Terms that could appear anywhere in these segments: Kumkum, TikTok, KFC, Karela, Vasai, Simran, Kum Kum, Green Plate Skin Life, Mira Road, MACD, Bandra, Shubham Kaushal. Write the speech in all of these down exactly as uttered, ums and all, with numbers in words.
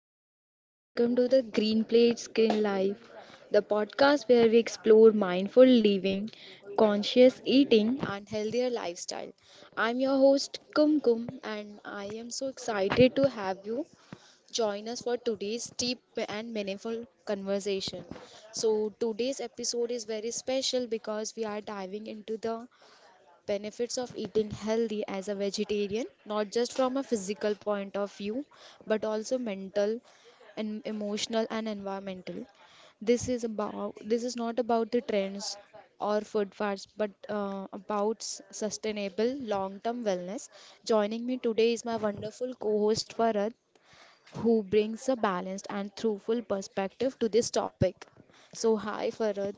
everyone, and welcome to the Green Plate Skin Life, the podcast where we explore mindful living, conscious eating, and healthier lifestyle. I'm your host Kum Kum, and I am so excited to have you join us for today's deep and meaningful conversation. So, today's episode is very special because we are diving into the benefits of eating healthy as a vegetarian, not just from a physical point of view, but also mental and emotional and environmental. This is about this is not about the trends or food fads, but uh, about s- sustainable long-term wellness. Joining me today is my wonderful co-host Farad, who brings a balanced and truthful perspective to this topic. So, hi Farad.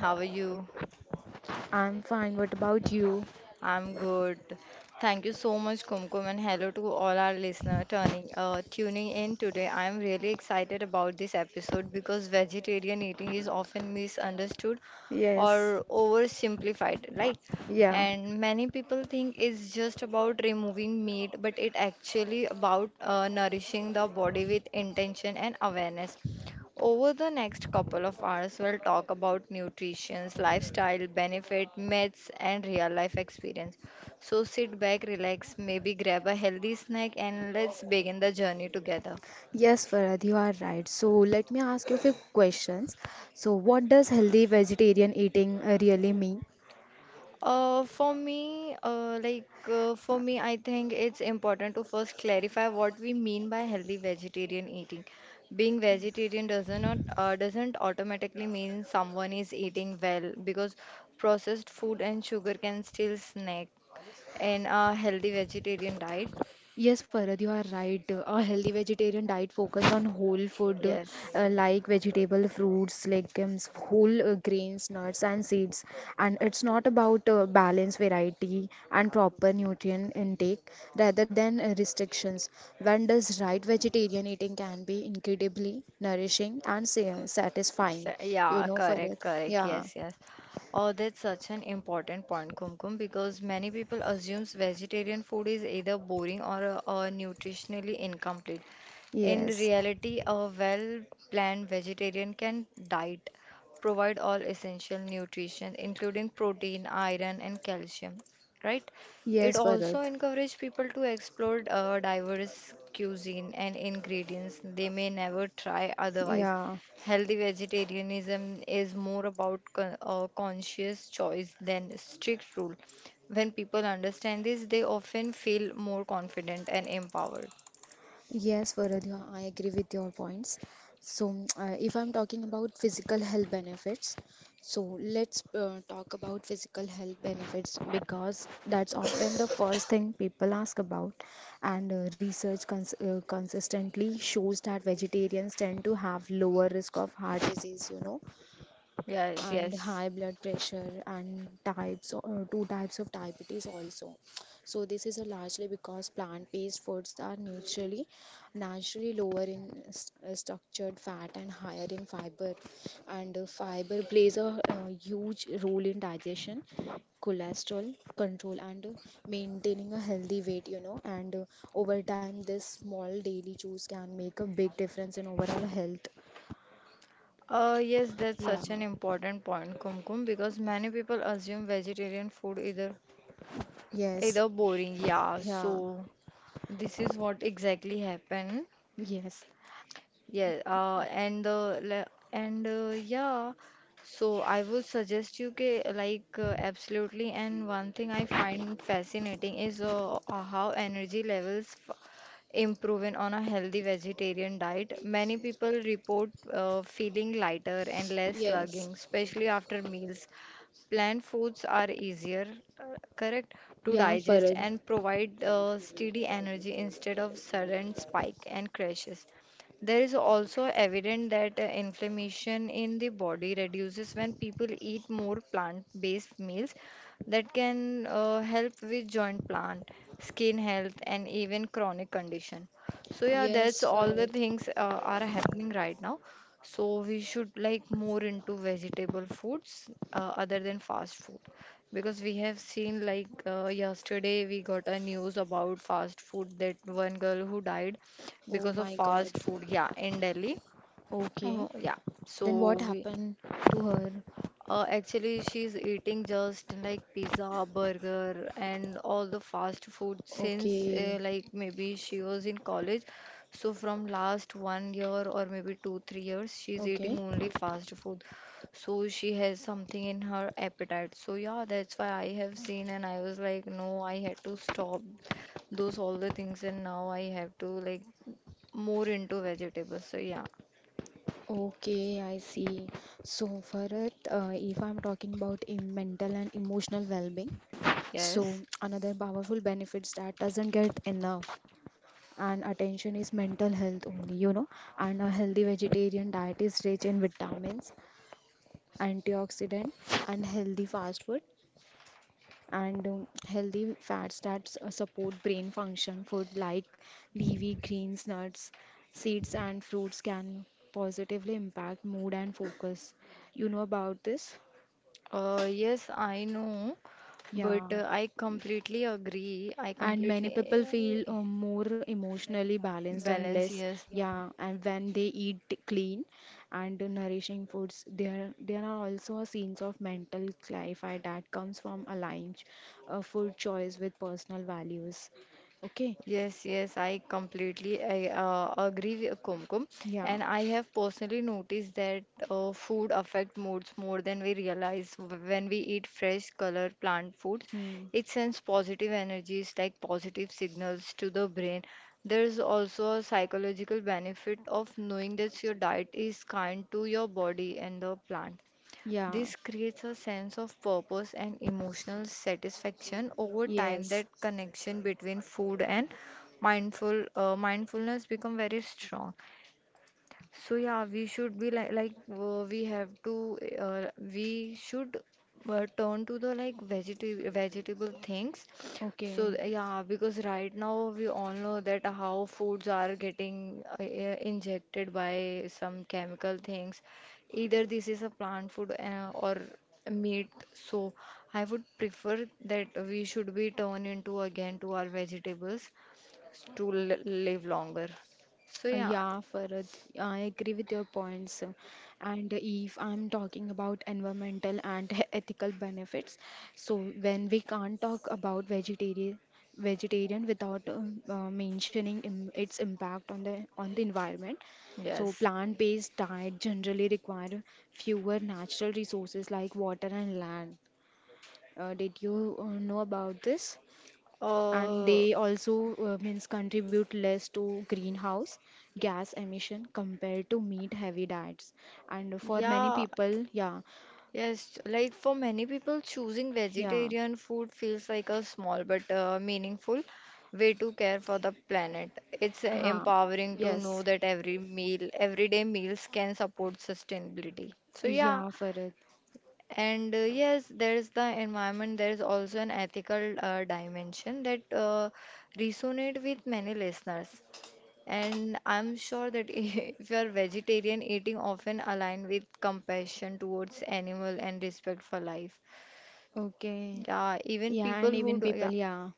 How are you? I'm fine. What about you? I'm good. Thank you so much, Kumkum, and hello to all our listeners turning uh, tuning in today. I'm really excited about this episode because vegetarian eating is often misunderstood Yes, or oversimplified, right? yeah. And many people think it's just about removing meat, but it actually about uh, nourishing the body with intention and awareness. Over the next couple of hours, we'll talk about nutrition, lifestyle, benefit, myths, and real life experience. So sit back, relax, maybe grab a healthy snack, and let's begin the journey together. Yes, Farad, you are right. So let me ask you a few questions. So what does healthy vegetarian eating uh, really mean? Uh, for me, uh, like uh, for me, I think it's important to first clarify what we mean by healthy vegetarian eating. Being vegetarian doesn't not, uh, doesn't automatically mean someone is eating well because processed food and sugar can still snack in a healthy vegetarian diet. Yes, Farad, you are right. A healthy vegetarian diet focuses on whole food Yes. uh, like vegetable, fruits, legumes, whole uh, grains, nuts, and seeds. And it's not about uh, balance, variety, and proper nutrient intake rather than uh, restrictions. When does right vegetarian eating can be incredibly nourishing and sa- satisfying. So, You yeah, know, Farad. correct, correct. Yeah. Yes, yes. Oh, that's such an important point, Kumkum, because many people assumes vegetarian food is either boring or uh, uh, nutritionally incomplete. In Yes. reality, a well planned vegetarian can diet provide all essential nutrition, including protein, iron, and calcium, right? It Yes, Farad. also encourages people to explore uh, diverse cuisine and ingredients they may never try otherwise. Yeah. Healthy vegetarianism is more about con- uh, conscious choice than strict rule. When people understand this, they often feel more confident and empowered. Yes, Varadhya, I agree with your points. So, mm, uh, if I'm talking about physical health benefits, so let's uh, talk about physical health benefits because that's often the first thing people ask about. And uh, research cons uh, consistently shows that vegetarians tend to have lower risk of heart disease, you know, Yes, and yes. high blood pressure and types or two types of diabetes also, so this is a largely because plant-based foods are naturally naturally lower in s- uh, structured fat and higher in fiber, and uh, fiber plays a uh, huge role in digestion, cholesterol control, and uh, maintaining a healthy weight, you know. And uh, over time this small daily choice can make a big difference in overall health. Uh, yes, that's Yeah. such an important point, Kumkum, because many people assume vegetarian food either Yes. either boring, yeah. Yeah. So this is what exactly happened. Yes. Yeah, uh, and uh, le- and uh, yeah, so I would suggest you ke, like, uh, absolutely. And one thing I find fascinating is uh, uh, how energy levels f improving on a healthy vegetarian diet. Many people report uh, feeling lighter and less Yes. slugging, especially after meals. Plant foods are easier, uh, correct, to Yeah, digest Farad. and provide uh, steady energy instead of sudden spike and crashes. There is also evident that uh, inflammation in the body reduces when people eat more plant-based meals that can uh, help with joint plant, skin health, and even chronic condition. So yeah, that's Yes, all Farad. the things uh, are happening right now. So we should like more into vegetable foods uh, other than fast food because we have seen like uh, yesterday we got a news about fast food that one girl who died Oh because of my God. fast food, yeah, in Delhi. Okay. Oh, yeah, Then what so we happened to her? uh, actually, she's eating just like pizza, burger, and all the fast food since uh, Okay. like maybe she was in college. So from last one year or maybe two, three years, she's eating Okay. only fast food. So she has something in her appetite. So yeah, that's why I have seen and I was like, no, I had to stop those all the things and now I have to like more into vegetables. So yeah, Okay, I see. So, Farhat, uh, if I'm talking about in mental and emotional well-being, yes. so another powerful benefits that doesn't get enough and attention is mental health only, you know. And a healthy vegetarian diet is rich in vitamins, antioxidant, and healthy fast food and um, healthy fats that s- uh, support brain function. Food like leafy greens, nuts, seeds, and fruits can positively impact mood and focus. You know about this? Uh, yes, I know. But Yeah. uh, I completely agree. I like And many completely people feel uh, more emotionally balanced and balance, less, yes. Yeah. yeah, and when they eat clean and nourishing foods, there there are also a sense of mental clarify that comes from aligning a food choice with personal values. Okay, Yes, yes, I completely I, uh, agree with Kumkum, yeah, and I have personally noticed that uh, food affect moods more than we realize. W- When we eat fresh, color, plant foods, hmm. it sends positive energies like positive signals to the brain. There's also a psychological benefit of knowing that your diet is kind to your body and the plant. Yeah, This creates a sense of purpose and emotional satisfaction over time. That yes. connection between food and mindful uh, mindfulness become very strong. So yeah, we should be like like uh, we have to uh, we should uh, turn to the like vegetable vegetable things. So Okay, yeah, because right now we all know that how foods are getting uh, uh, injected by some chemical things. Either this is a plant food uh, or meat. So I would prefer that we should be turned into again to our vegetables to l live longer. So uh, yeah, yeah, Farad, I agree with your points. uh, And if I'm talking about environmental and he- ethical benefits, so when we can't talk about vegetarian vegetarian without um, uh, mentioning im its impact on the on the environment. So yes. plant-based diet generally require fewer natural resources like water and land. Uh, did you uh, know about this? And Uh, they also uh, means contribute less to greenhouse gas emission compared to meat heavy diets and for many yeah, people. Yeah. yes. Like for many people, choosing Yeah. vegetarian food feels like a small but uh, meaningful way to care for the planet. It's uh, Huh. empowering to Yes. know that every meal, everyday meals can support sustainability. So yeah, Yeah, Farad. and uh, yes, there's the environment. There's also an ethical uh, dimension that uh, resonate with many listeners. And I'm sure that if you're vegetarian, eating often align with compassion towards animal and respect for life. Okay. Yeah, even Yeah, people and who even do, people, yeah, yeah,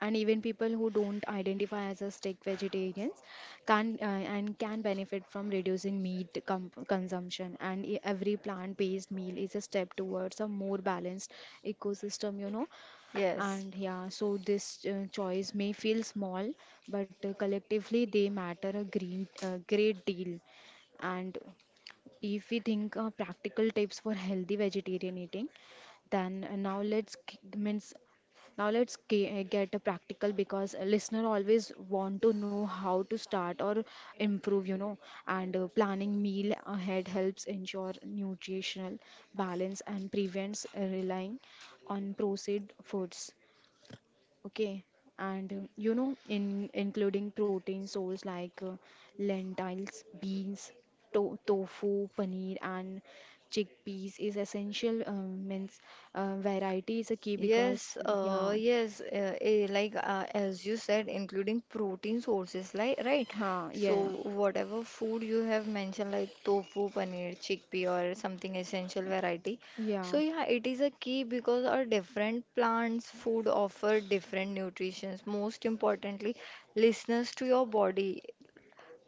and even people who don't identify as a strict vegetarians can uh, and can benefit from reducing meat com consumption. And e- every plant-based meal is a step towards a more balanced ecosystem, you know. yes. And yeah, so this uh, choice may feel small, but uh, collectively they matter a green uh, great deal. And if we think uh, practical tips for healthy vegetarian eating, then uh, now let's g- means now let's ge- get a practical because a listener always want to know how to start or improve, you know. And uh, planning meal ahead helps ensure nutritional balance and prevents uh, relying on processed foods. Okay, and uh, you know, in including protein source like uh, lentils, beans, to- tofu, paneer, and chickpeas is essential. Um, means uh, variety is a key because Yes, yeah. uh, yes, uh, eh, like uh, as you said, including protein sources, like right. Huh, So yeah, whatever food you have mentioned, like tofu, paneer, chickpea, or something essential variety. So yeah. yeah, it is a key because our different plants' food offer different nutritions. Most importantly, listeners to your body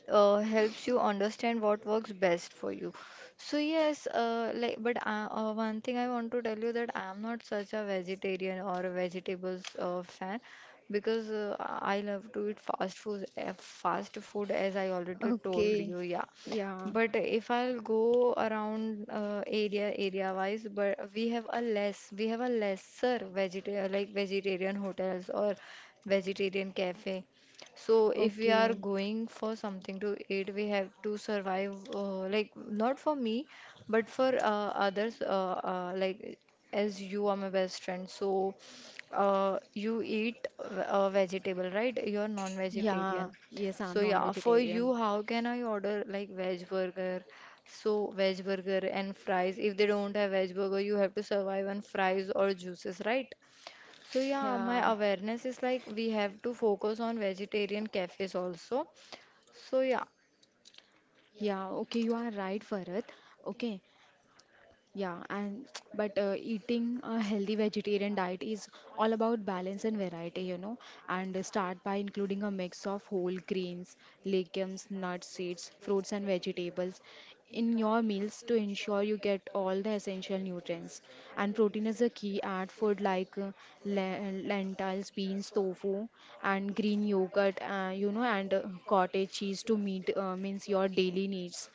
uh, helps you understand what works best for you. So yes, uh, like but uh, uh, one thing I want to tell you that I'm not such a vegetarian or a vegetables uh, fan because uh, I love to eat fast food, uh, fast food as I already told Okay, you. Yeah, yeah, but if I'll go around uh, area area wise, but we have a less we have a lesser vegetarian like vegetarian hotels or vegetarian cafe. So if we are okay. going for something to eat, we have to survive uh, like not for me, but for uh, others uh, uh, like as you are my best friend. So uh, you eat uh, a vegetable, right? You're Yeah, non-vegetarian. yes, I'm So yeah, for non-vegetarian. you, how can I order like veg burger? So veg burger and fries. If they don't have veg burger, you have to survive on fries or juices, right? So yeah, my Yeah, awareness is like we have to focus on vegetarian cafes also. So yeah, yeah, okay, you are right, Farhat. Okay. Yeah, and but uh, eating a healthy vegetarian diet is all about balance and variety, you know. And uh, start by including a mix of whole grains, legumes, nuts, seeds, fruits, and vegetables in your meals to ensure you get all the essential nutrients. And protein is a key. Add food like uh, le- lentils, beans, tofu, and green yogurt, uh, you know, and uh, cottage cheese to meet uh, means your daily needs.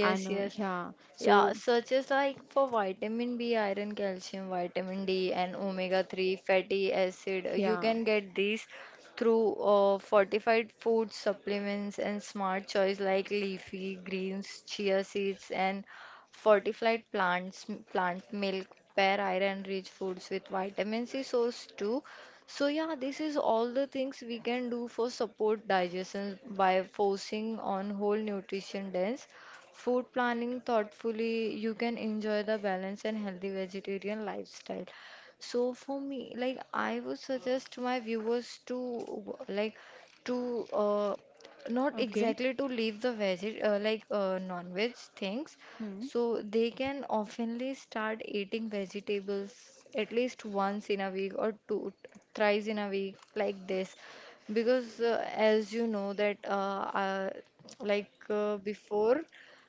And uh, yes. yeah, Yeah, so such as like for vitamin B, iron, calcium, vitamin D, and omega three fatty acid. You yeah, can get these through uh, fortified food supplements and smart choice like leafy greens, chia seeds, and fortified plants, plant milk. Pair iron-rich foods with vitamin C source too. So yeah, this is all the things we can do for support digestion by focusing on whole nutrition dense food. Planning thoughtfully, you can enjoy the balanced and healthy vegetarian lifestyle. So for me, like I would suggest my viewers to like to uh, not okay. exactly to leave the veg uh, like uh, non-veg things. Hmm. So they can oftenly start eating vegetables at least once in a week or two thrice in a week like this because uh, as you know that uh, uh, like uh, before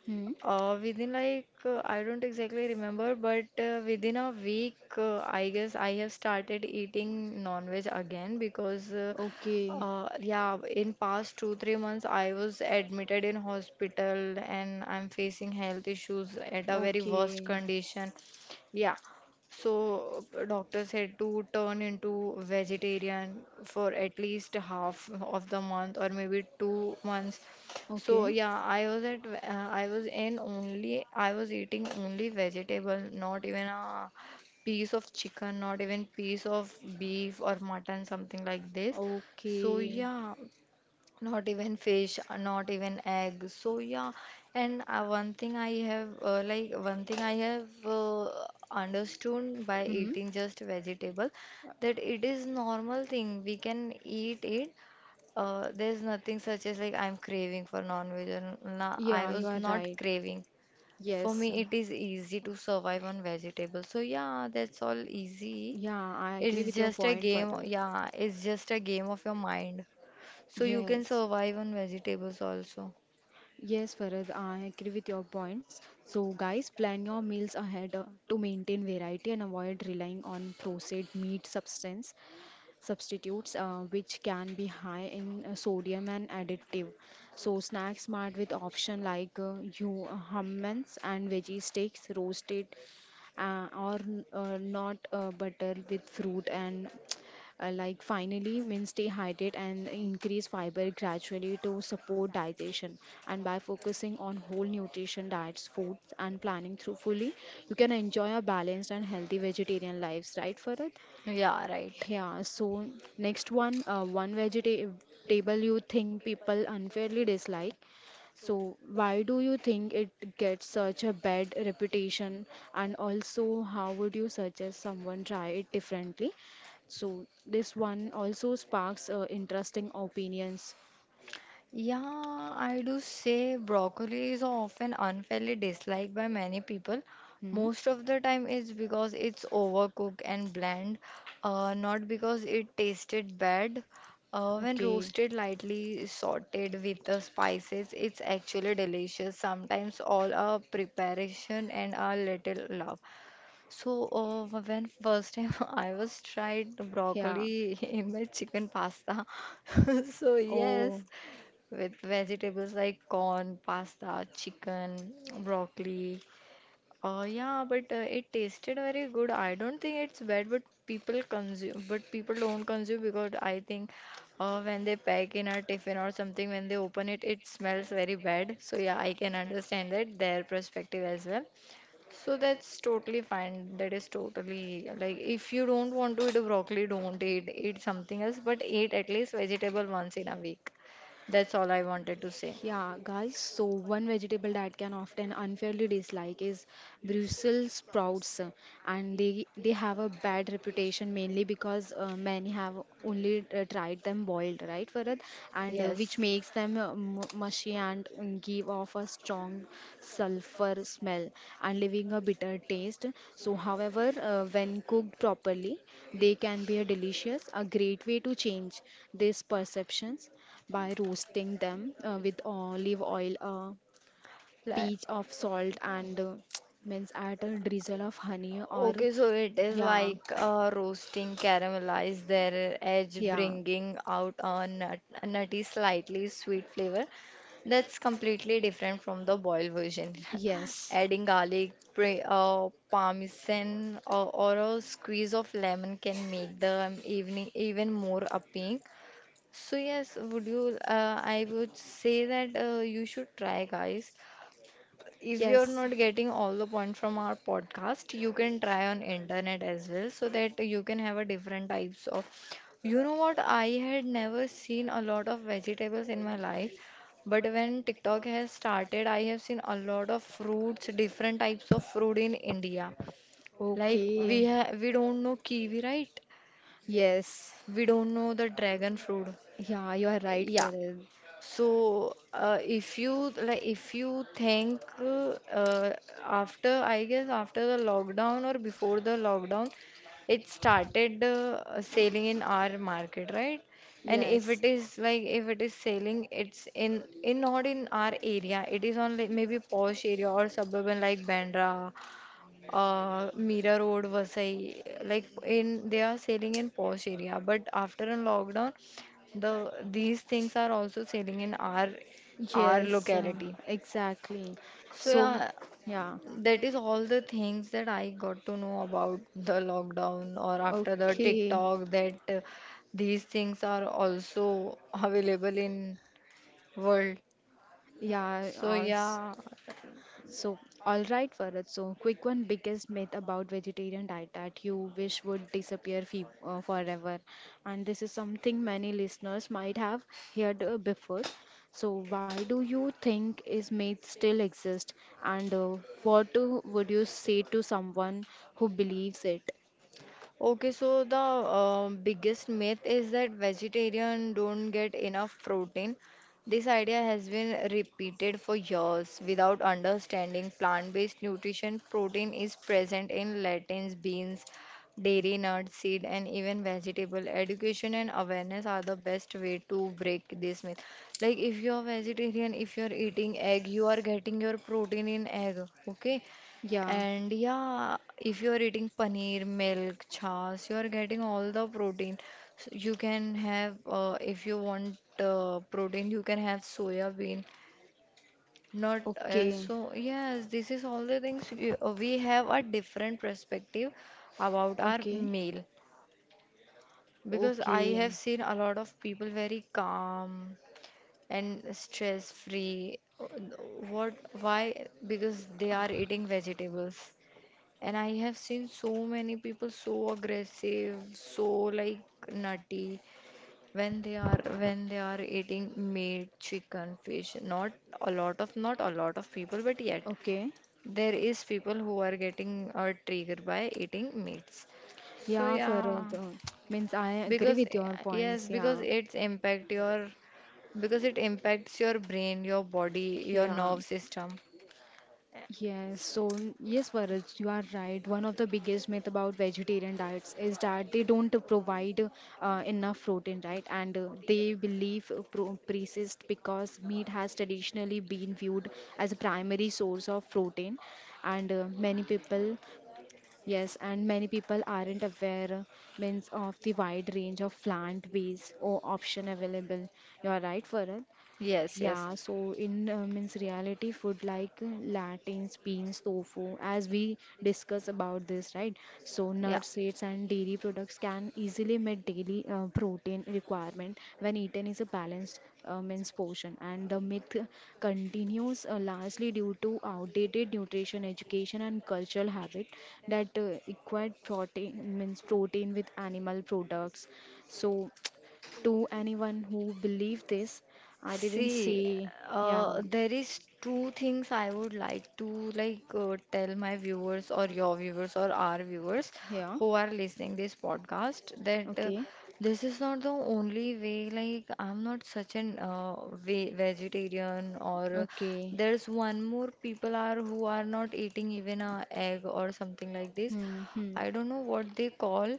Hmm. uh, within like uh, I don't exactly remember, but uh, within a week, uh, I guess I have started eating non-veg again because, uh, Okay. uh, yeah, in past two three months I was admitted in hospital and I'm facing health issues at a very worst Okay. Okay. condition. Yeah, so uh, doctor said to turn into vegetarian for at least half of the month or maybe two months. So Okay. yeah, I was at ve- uh, I was in only I was eating only vegetable, not even a piece of chicken, not even piece of beef or mutton, something like this. So yeah, not even fish, uh, not even egg. So yeah, and uh, one thing I have uh, like one thing I have uh, understood by Hmm. eating just vegetable that it is normal thing. We can eat it, uh, there's nothing such as like I'm craving for non-veg or n- nah, I Yeah, you was are not right. craving. For Yes. me, it is easy to survive on vegetables. So yeah, that's all easy. Yeah, I agree It's with your just a point, game. Parul. Yeah, it's just a game of your mind. So you can Yes. survive on vegetables also. Yes, Farad, I agree with your points. So, guys, plan your meals ahead uh, to maintain variety and avoid relying on processed meat substance substitutes, uh, which can be high in uh, sodium and additive. So, snack smart with option like uh, you uh, hummus and veggie steaks roasted uh, or uh, not uh, butter with fruit and uh, like finally means stay hydrated and increase fiber gradually to support digestion, and by focusing on whole nutrition diets foods and planning through fully, you can enjoy a balanced and healthy vegetarian lives, right Farad? Yeah, right. Yeah, so next one, uh, one vegetable you think people unfairly dislike, so why do you think it gets such a bad reputation? And also, how would you suggest someone try it differently? So, this one also sparks uh, interesting opinions. Yeah, I do say broccoli is often unfairly disliked by many people. Hmm? Most of the time, it's because it's overcooked and bland, uh, not because it tasted bad. Uh, when Okay. roasted lightly, sautéed with the spices, it's actually delicious. Sometimes all a preparation and a little love. So, uh, when first time I was tried Yeah. broccoli in my chicken pasta, so yes, Oh. with vegetables like corn, pasta, chicken, broccoli. Uh, yeah, but uh, it tasted very good. I don't think it's bad, but people consume, but people don't consume because I think uh, when they pack in a tiffin or something, when they open it, it smells very bad. So yeah, I can understand that their perspective as well. So that's totally fine. That is totally like if you don't want to eat a broccoli, don't eat eat something else, but eat at least vegetable once in a week. That's all I wanted to say. Yeah, guys, so one vegetable that can often unfairly dislike is Brussels sprouts, uh, and they they have a bad reputation mainly because uh, many have only uh, tried them boiled, right, Farad? And uh, Yes. which makes them uh, mu- mushy and mm, give off a strong sulfur smell and leaving a bitter taste. So, however, uh, when cooked properly, they can be a delicious, a great way to change these perceptions by roasting them uh, with olive oil, a Like, pinch of salt, Like, and uh, means add a drizzle of honey or Okay, so it is yeah, like uh, roasting, caramelize their edge, yeah, bringing out a nut, a nutty, slightly sweet flavor. That's completely different from the boiled version. yes, Adding garlic, pre, uh, parmesan, or, or a squeeze of lemon can make the evening even more appealing. So yes, would you? Uh, I would say that uh, you should try, guys, if you're yes. not getting all the point from our podcast, you can try on internet as well so that you can have a different types of. You know what, I had never seen a lot of vegetables in my life, but when TikTok has started I have seen a lot of fruits, different types of fruit in India. Like we Okay. ha- we don't know kiwi, right? Yes. We don't know the dragon fruit. Yeah, you are right, Yeah, Faril. so, uh, if you like, if you think uh, uh, after, I guess after the lockdown or before the lockdown, it started uh, selling in our market, right? And if Yes. it is like, if it is selling, it's in in not in our area. It is on like maybe posh area or suburban like Bandra, uh, Mira Road, Vasai. Like in they are selling in posh area, but after a lockdown, the these things are also selling in our our Yes, um, locality. exactly. So So, yeah, yeah. that is all the things that I got to know about the lockdown or after the Okay. TikTok that uh, these things are also available in world. Yeah. So Uh, s- yeah. So, all right, Farad. So, quick one biggest myth about vegetarian diet that you wish would disappear fe uh, forever. And this is something many listeners might have heard uh, before. So, why do you think is myth still exist? And uh, what uh, would you say to someone who believes it? Okay, so the uh, biggest myth is that vegetarian don't get enough protein. This idea has been repeated for years without understanding plant-based nutrition. Protein is present in lentils, beans, dairy, nuts, seed, and even vegetable. Education and awareness are the best way to break this myth. Like if you're vegetarian, if you're eating egg, you are getting your protein in egg. Okay, Yeah. and yeah, if you're eating paneer, milk, chas, you're getting all the protein. So you can have, uh, if you want uh, protein, you can have soya bean. Not uh, Okay. so, yes, this is all the things we, uh, we have a different perspective about our Okay. meal because I have Okay. seen a lot of people very calm and stress free. What, why? Because they are eating vegetables. And I have seen so many people so aggressive, so like nutty when they are when they are eating meat, chicken, fish. Not a lot of not a lot of people, but yet Okay. there is people who are getting uh, triggered by eating meats. So Yeah, Farad. yeah, uh, Means I agree because with your yes, points. because Yeah. it's impact your because it impacts your brain, your body, your Yeah. nerve system. Yes. So, yes, Farad, you are right. One of the biggest myth about vegetarian diets is that they don't provide uh, enough protein, right? And uh, they believe uh, pro persist because meat has traditionally been viewed as a primary source of protein, and uh, many people, yes, and many people aren't aware means of the wide range of plant-based or option available. You are right, Farah. Yes, yes, Yeah, so in uh, means reality food like lentils, beans, tofu, as we discuss about this, right? So yeah. nuts, seeds, and dairy products can easily meet daily uh, protein requirement when eaten is a balanced uh, means portion. And the myth continues uh, largely due to outdated nutrition education and cultural habit that uh, equate protein means protein with animal products. So to anyone who believe this. I didn't See, say, yeah, uh, there is two things I would like to like uh, tell my viewers or your viewers or our viewers yeah, who are listening this podcast that uh, okay, this is not the only way. Like I'm not such an uh, ve vegetarian or uh, okay, there's one more people are who are not eating even a egg or something like this. hmm, hmm, I don't know what they call.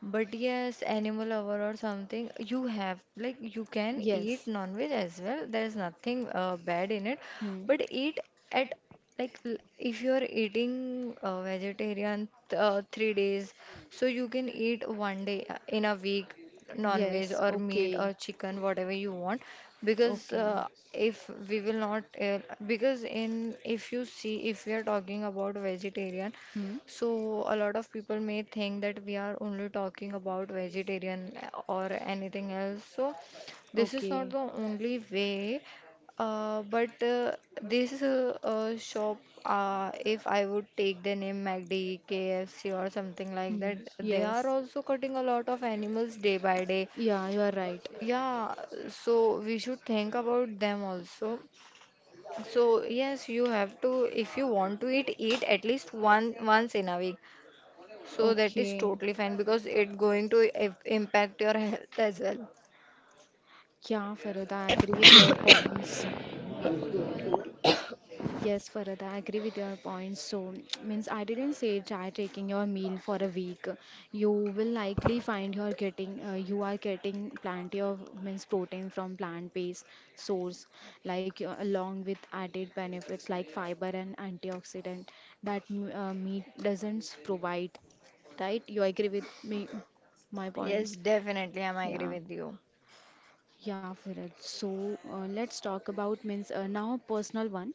But yes, animal lover or something, you have like you can eat yes, non-veg as well. There is nothing uh, bad in it, hmm, but eat at like l- if you are eating uh, vegetarian th- uh, three days, so you can eat one day uh, in a week non-veg yes, or meat okay, or chicken whatever you want because uh, okay, if we will not uh, because in if you see if we are talking about vegetarian, hmm, so a lot of people may think that we are only talking about vegetarian eh, or anything else. So this is not okay, the only way, uh, but uh, this is a shop. Uh, if I would take the name M A C D, K F C, or something like hmm, that, they are yes, also cutting a lot of animals day by day. yeah, you are right, Yeah, so we should think about them also. So yes, you have to, if you want to eat, eat at least one once in a week. So that is okay, totally fine because it going to if- impact your health as well. yeah, Farida, I agree with your points. Yes, Farada, I agree with your points. So, means I didn't say try taking your meal for a week. You will likely find you're getting uh, you are getting plenty of means protein from plant-based source, like uh, along with added benefits like fiber and antioxidant that m- uh, meat doesn't provide. Right? You agree with me, my Yes, points? definitely, I'm agree Yeah. with you. Yeah, Farad. So uh, let's talk about means uh, now personal one,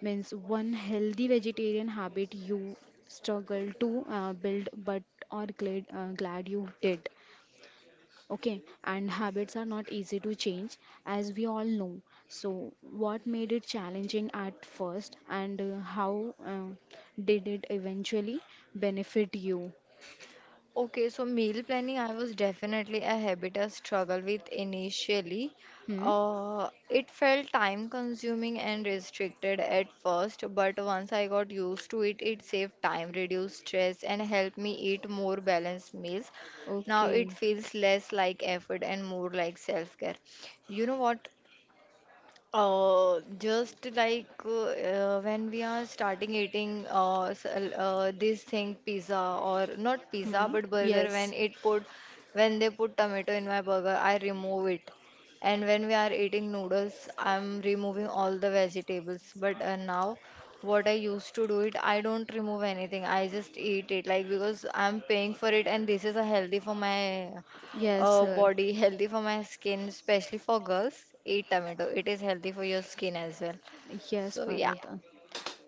means one healthy vegetarian habit you struggle to uh, build but are glad uh, glad you did. Okay, and habits are not easy to change as we all know. So what made it challenging at first and uh, how uh, did it eventually benefit you? Okay, so meal planning, I was definitely a habit I struggle with initially. Hmm. Uh, it felt time consuming and restricted at first, but once I got used to it, it saved time, reduced stress, and helped me eat more balanced meals. Now it Okay. feels less like effort and more like self care. You know what? Uh, just like uh, uh, When we are starting eating uh, s- uh, this thing pizza or not pizza Hmm. but burger when Yes. it put when they put tomato in my burger I remove it, and when we are eating noodles I'm removing all the vegetables, but uh, now what I used to do it, I don't remove anything, I just eat it like because I'm paying for it and this is a healthy for my Yes. uh, Uh, body, healthy for my skin, especially for girls. Eat tomato. It is healthy for your skin as well. yes, So yeah. Farad. uh,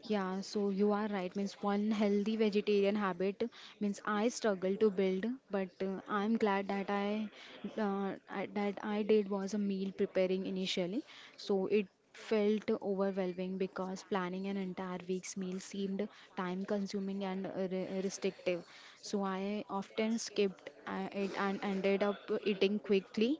Yeah, so you are right. Means one healthy vegetarian habit means I struggle to build, but uh, I'm glad that I, uh, I that I did was a meal preparing initially. So it felt overwhelming because planning an entire week's meal seemed time consuming and uh, re- restrictive. So I often skipped uh, it and ended up eating quickly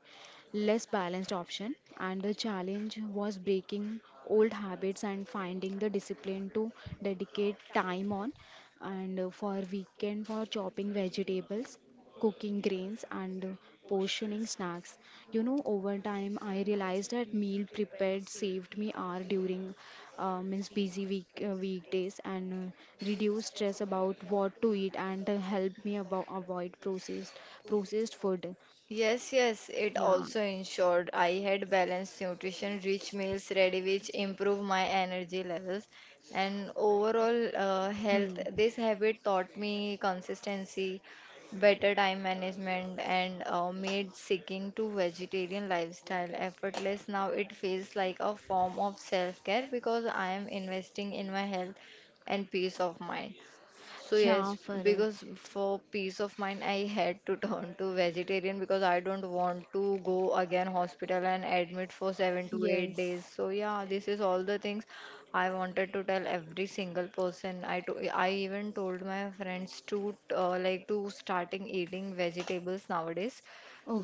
less balanced option. And the challenge was breaking old habits and finding the discipline to dedicate time on. And uh, for weekend, for chopping vegetables, cooking grains, and uh, portioning snacks. You know, over time, I realized that meal prepared saved me hour during uh, means busy week uh, weekdays and uh, reduce stress about what to eat and uh, help me about avoid processed processed food. Yes, yes, it also ensured I had balanced nutrition, rich meals ready, which improve my energy levels and overall uh, health. This habit taught me consistency, better time management and uh, made seeking to vegetarian lifestyle effortless. Now it feels like a form of self-care because I am investing in my health and peace of mind. So Yeah, yes, Farad. because for peace of mind, I had to turn to vegetarian because I don't want to go again hospital and admit for seven to eight Yes. days. So yeah, this is all the things I wanted to tell every single person. I to- I even told my friends to uh, like to starting eating vegetables nowadays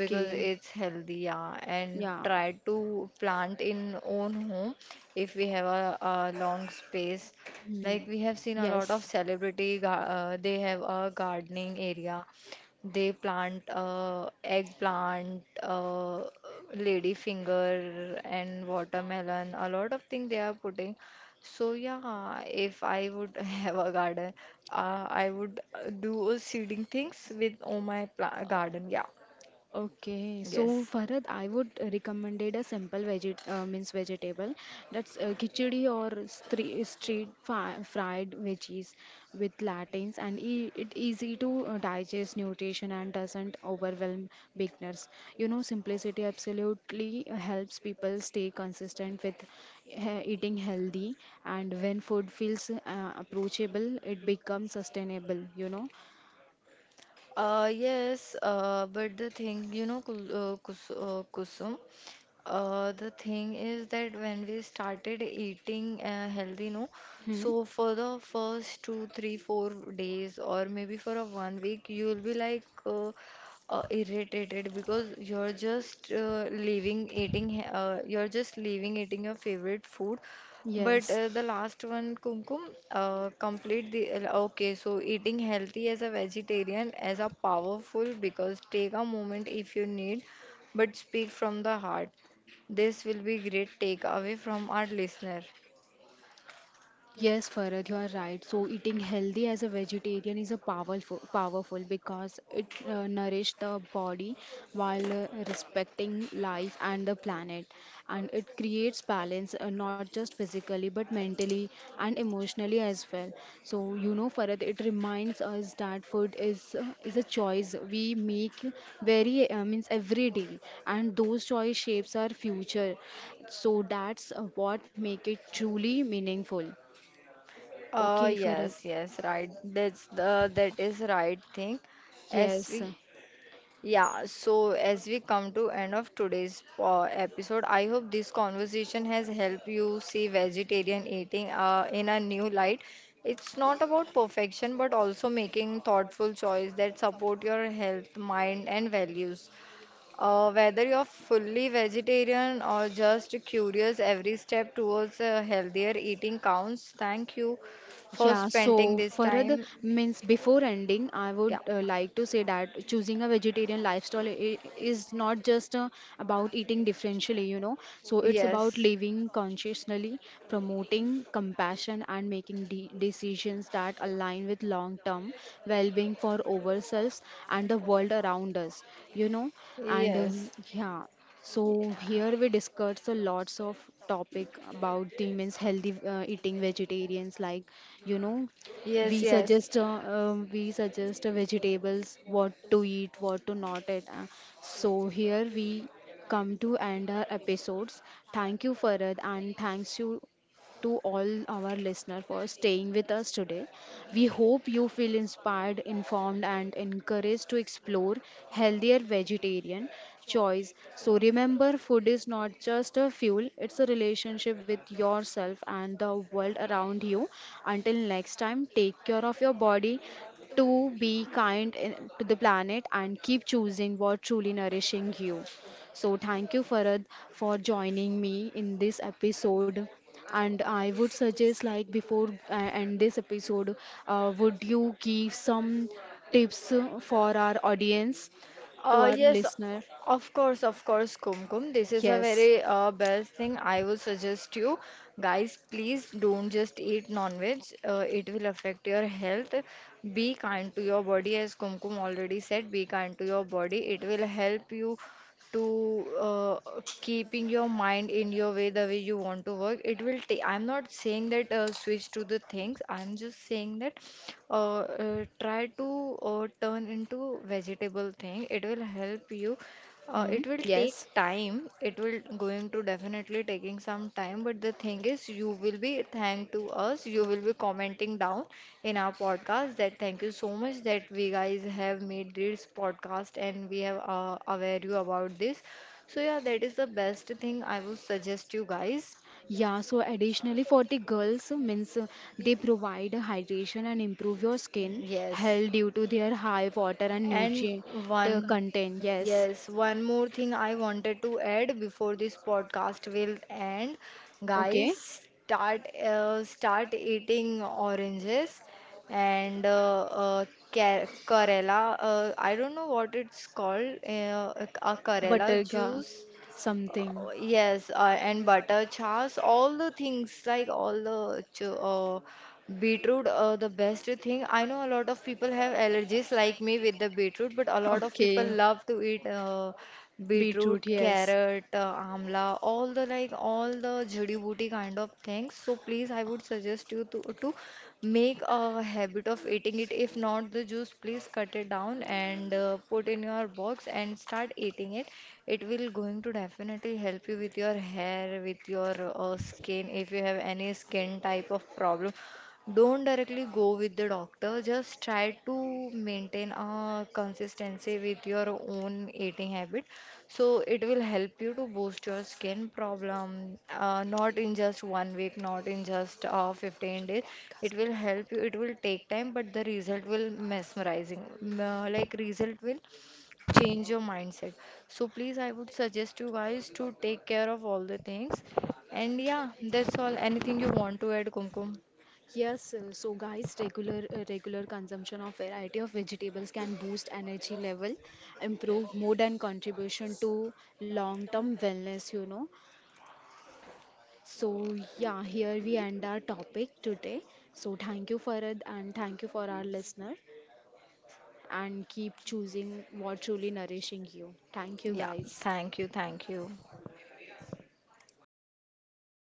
because it's healthy, yeah, and Yeah. try to plant in own home if we have a, a long space. Hmm. Like we have seen a lot of Yes. celebrity, gar- uh, they have a gardening area. They plant uh, eggplant, uh, ladyfinger, and watermelon. A lot of things they are putting. So yeah, if I would have a garden, uh, I would uh, do a seeding things with all my pla garden. Yeah, Okay, so yes. Farhad, I would recommended a simple veget uh, means vegetable that's uh, khichdi or stre street fi fried veggies with latins and e it easy to uh, digest nutrition and doesn't overwhelm beginners. You know, simplicity absolutely helps people stay consistent with he eating healthy, and when food feels uh, approachable, it becomes sustainable, you know. Uh, yes, uh, but the thing, you know, Kul- uh, Kus uh, Kusum, uh, the thing is that when we started eating uh, healthy, no, Hmm. so for the first two, three, four days, or maybe for a one week, you'll be like uh, uh, irritated because you're just uh, leaving eating, he- uh, you're just leaving eating your favorite food, but Yes. uh, the last one, Kumkum, uh, complete the. uh, Okay, so eating healthy as a vegetarian as a powerful because take a moment if you need, but speak from the heart. This will be great takeaway from our listener. Yes, Farad, you are right. So eating healthy as a vegetarian is a powerful, powerful because it uh, nourishes the body while uh, respecting life and the planet, and it creates balance uh, not just physically but mentally and emotionally as well. So you know, Farad, it reminds us that food is uh, is a choice we make very uh, means every day, and those choice shapes our future. So that's uh, what make it truly meaningful. Uh, Okay, Farad. Yes, yes, right. That's the that is right thing. As we Yes. Yeah, so as we come to end of today's uh, episode, I hope this conversation has helped you see vegetarian eating uh, in a new light. It's not about perfection, but also making thoughtful choice that support your health, mind, and values. Uh, whether you're fully vegetarian or just curious, every step towards a healthier eating counts. Thank you for Yeah, spending so this Farad time. means before ending, I would Yeah. uh, like to say that choosing a vegetarian lifestyle i- is not just uh, about eating differentially, you know. So it's about Yes. living consciously, promoting compassion, and making de decisions that align with long-term well-being for ourselves and the world around us, you know. And Yes. um, yeah. So here we discuss a lots of topic about the means healthy uh, eating vegetarians like you know we Yes, yes. suggest uh, um, we suggest uh, vegetables what to eat what to not eat. Uh, so here we come to end our episodes. Thank you Farad, and thanks you to all our listeners for staying with us today. We hope you feel inspired, informed, and encouraged to explore healthier vegetarian choice. So remember, food is not just a fuel, it's a relationship with yourself and the world around you. Until next time, take care of your body to be kind in- to the planet and keep choosing what truly nourishing you. So thank you Farad for joining me in this episode. And I would suggest like before I end this episode, uh, would you give some tips for our audience, to Uh, our Yes, listener? of course, of course, Kumkum. This is a Yes. very uh, best thing. I would suggest you guys, please don't just eat non-veg. Uh, it will affect your health. Be kind to your body, as Kumkum already said. Be kind to your body. It will help you to uh, keeping your mind in your way the way you want to work. It will take, I'm not saying that uh, switch to the things, I'm just saying that uh, uh, try to uh, turn into vegetable thing. It will help you, uh, Hmm. it will take Yes. time. It will going to definitely taking some time, but the thing is, you will be thank to us. You will be commenting down in our podcast that thank you so much that we guys have made this podcast and we have uh, aware you about this. So yeah, that is the best thing I would suggest you guys. Yeah, so additionally for the girls means uh, they provide hydration and improve your skin Yes. health due to their high water and And nutrient uh, one, content. Yes. yes, one more thing I wanted to add before this podcast will end. Okay. Guys, start uh, start eating oranges and uh, uh, ca- Karela. Uh, I don't know what it's called. Uh, a Karela Butterga juice, something. uh, yes, uh, and butter chas, all the things like all the ch uh, beetroot, uh, the best thing. I know a lot of people have allergies like me with the beetroot, but a lot of people Okay. love to eat uh, beetroot, Beetroot, yes. carrot, uh, amla, all the like all the jhadi booty kind of things. So please, I would suggest you to to make a habit of eating it. If not the juice, please cut it down and uh, put in your box and start eating it. It will going to definitely help you with your hair, with your uh, skin. If you have any skin type of problem, don't directly go with the doctor, just try to maintain a consistency with your own eating habit. So it will help you to boost your skin problem, uh, not in just one week, not in just uh, fifteen days. It will help you, it will take time, but the result will mesmerizing. M- uh, Like result will change your mindset. So please, I would suggest you guys to take care of all the things. And yeah, that's all. Anything you want to add, Kumkum? Yes, uh, so guys, regular uh, regular consumption of variety of vegetables can boost energy level, improve mood and contribution to long-term wellness, you know. So yeah, here we end our topic today. So thank you Farad and thank you for our listener and keep choosing what truly nourishing you. Thank you Yeah, guys. thank you, thank you.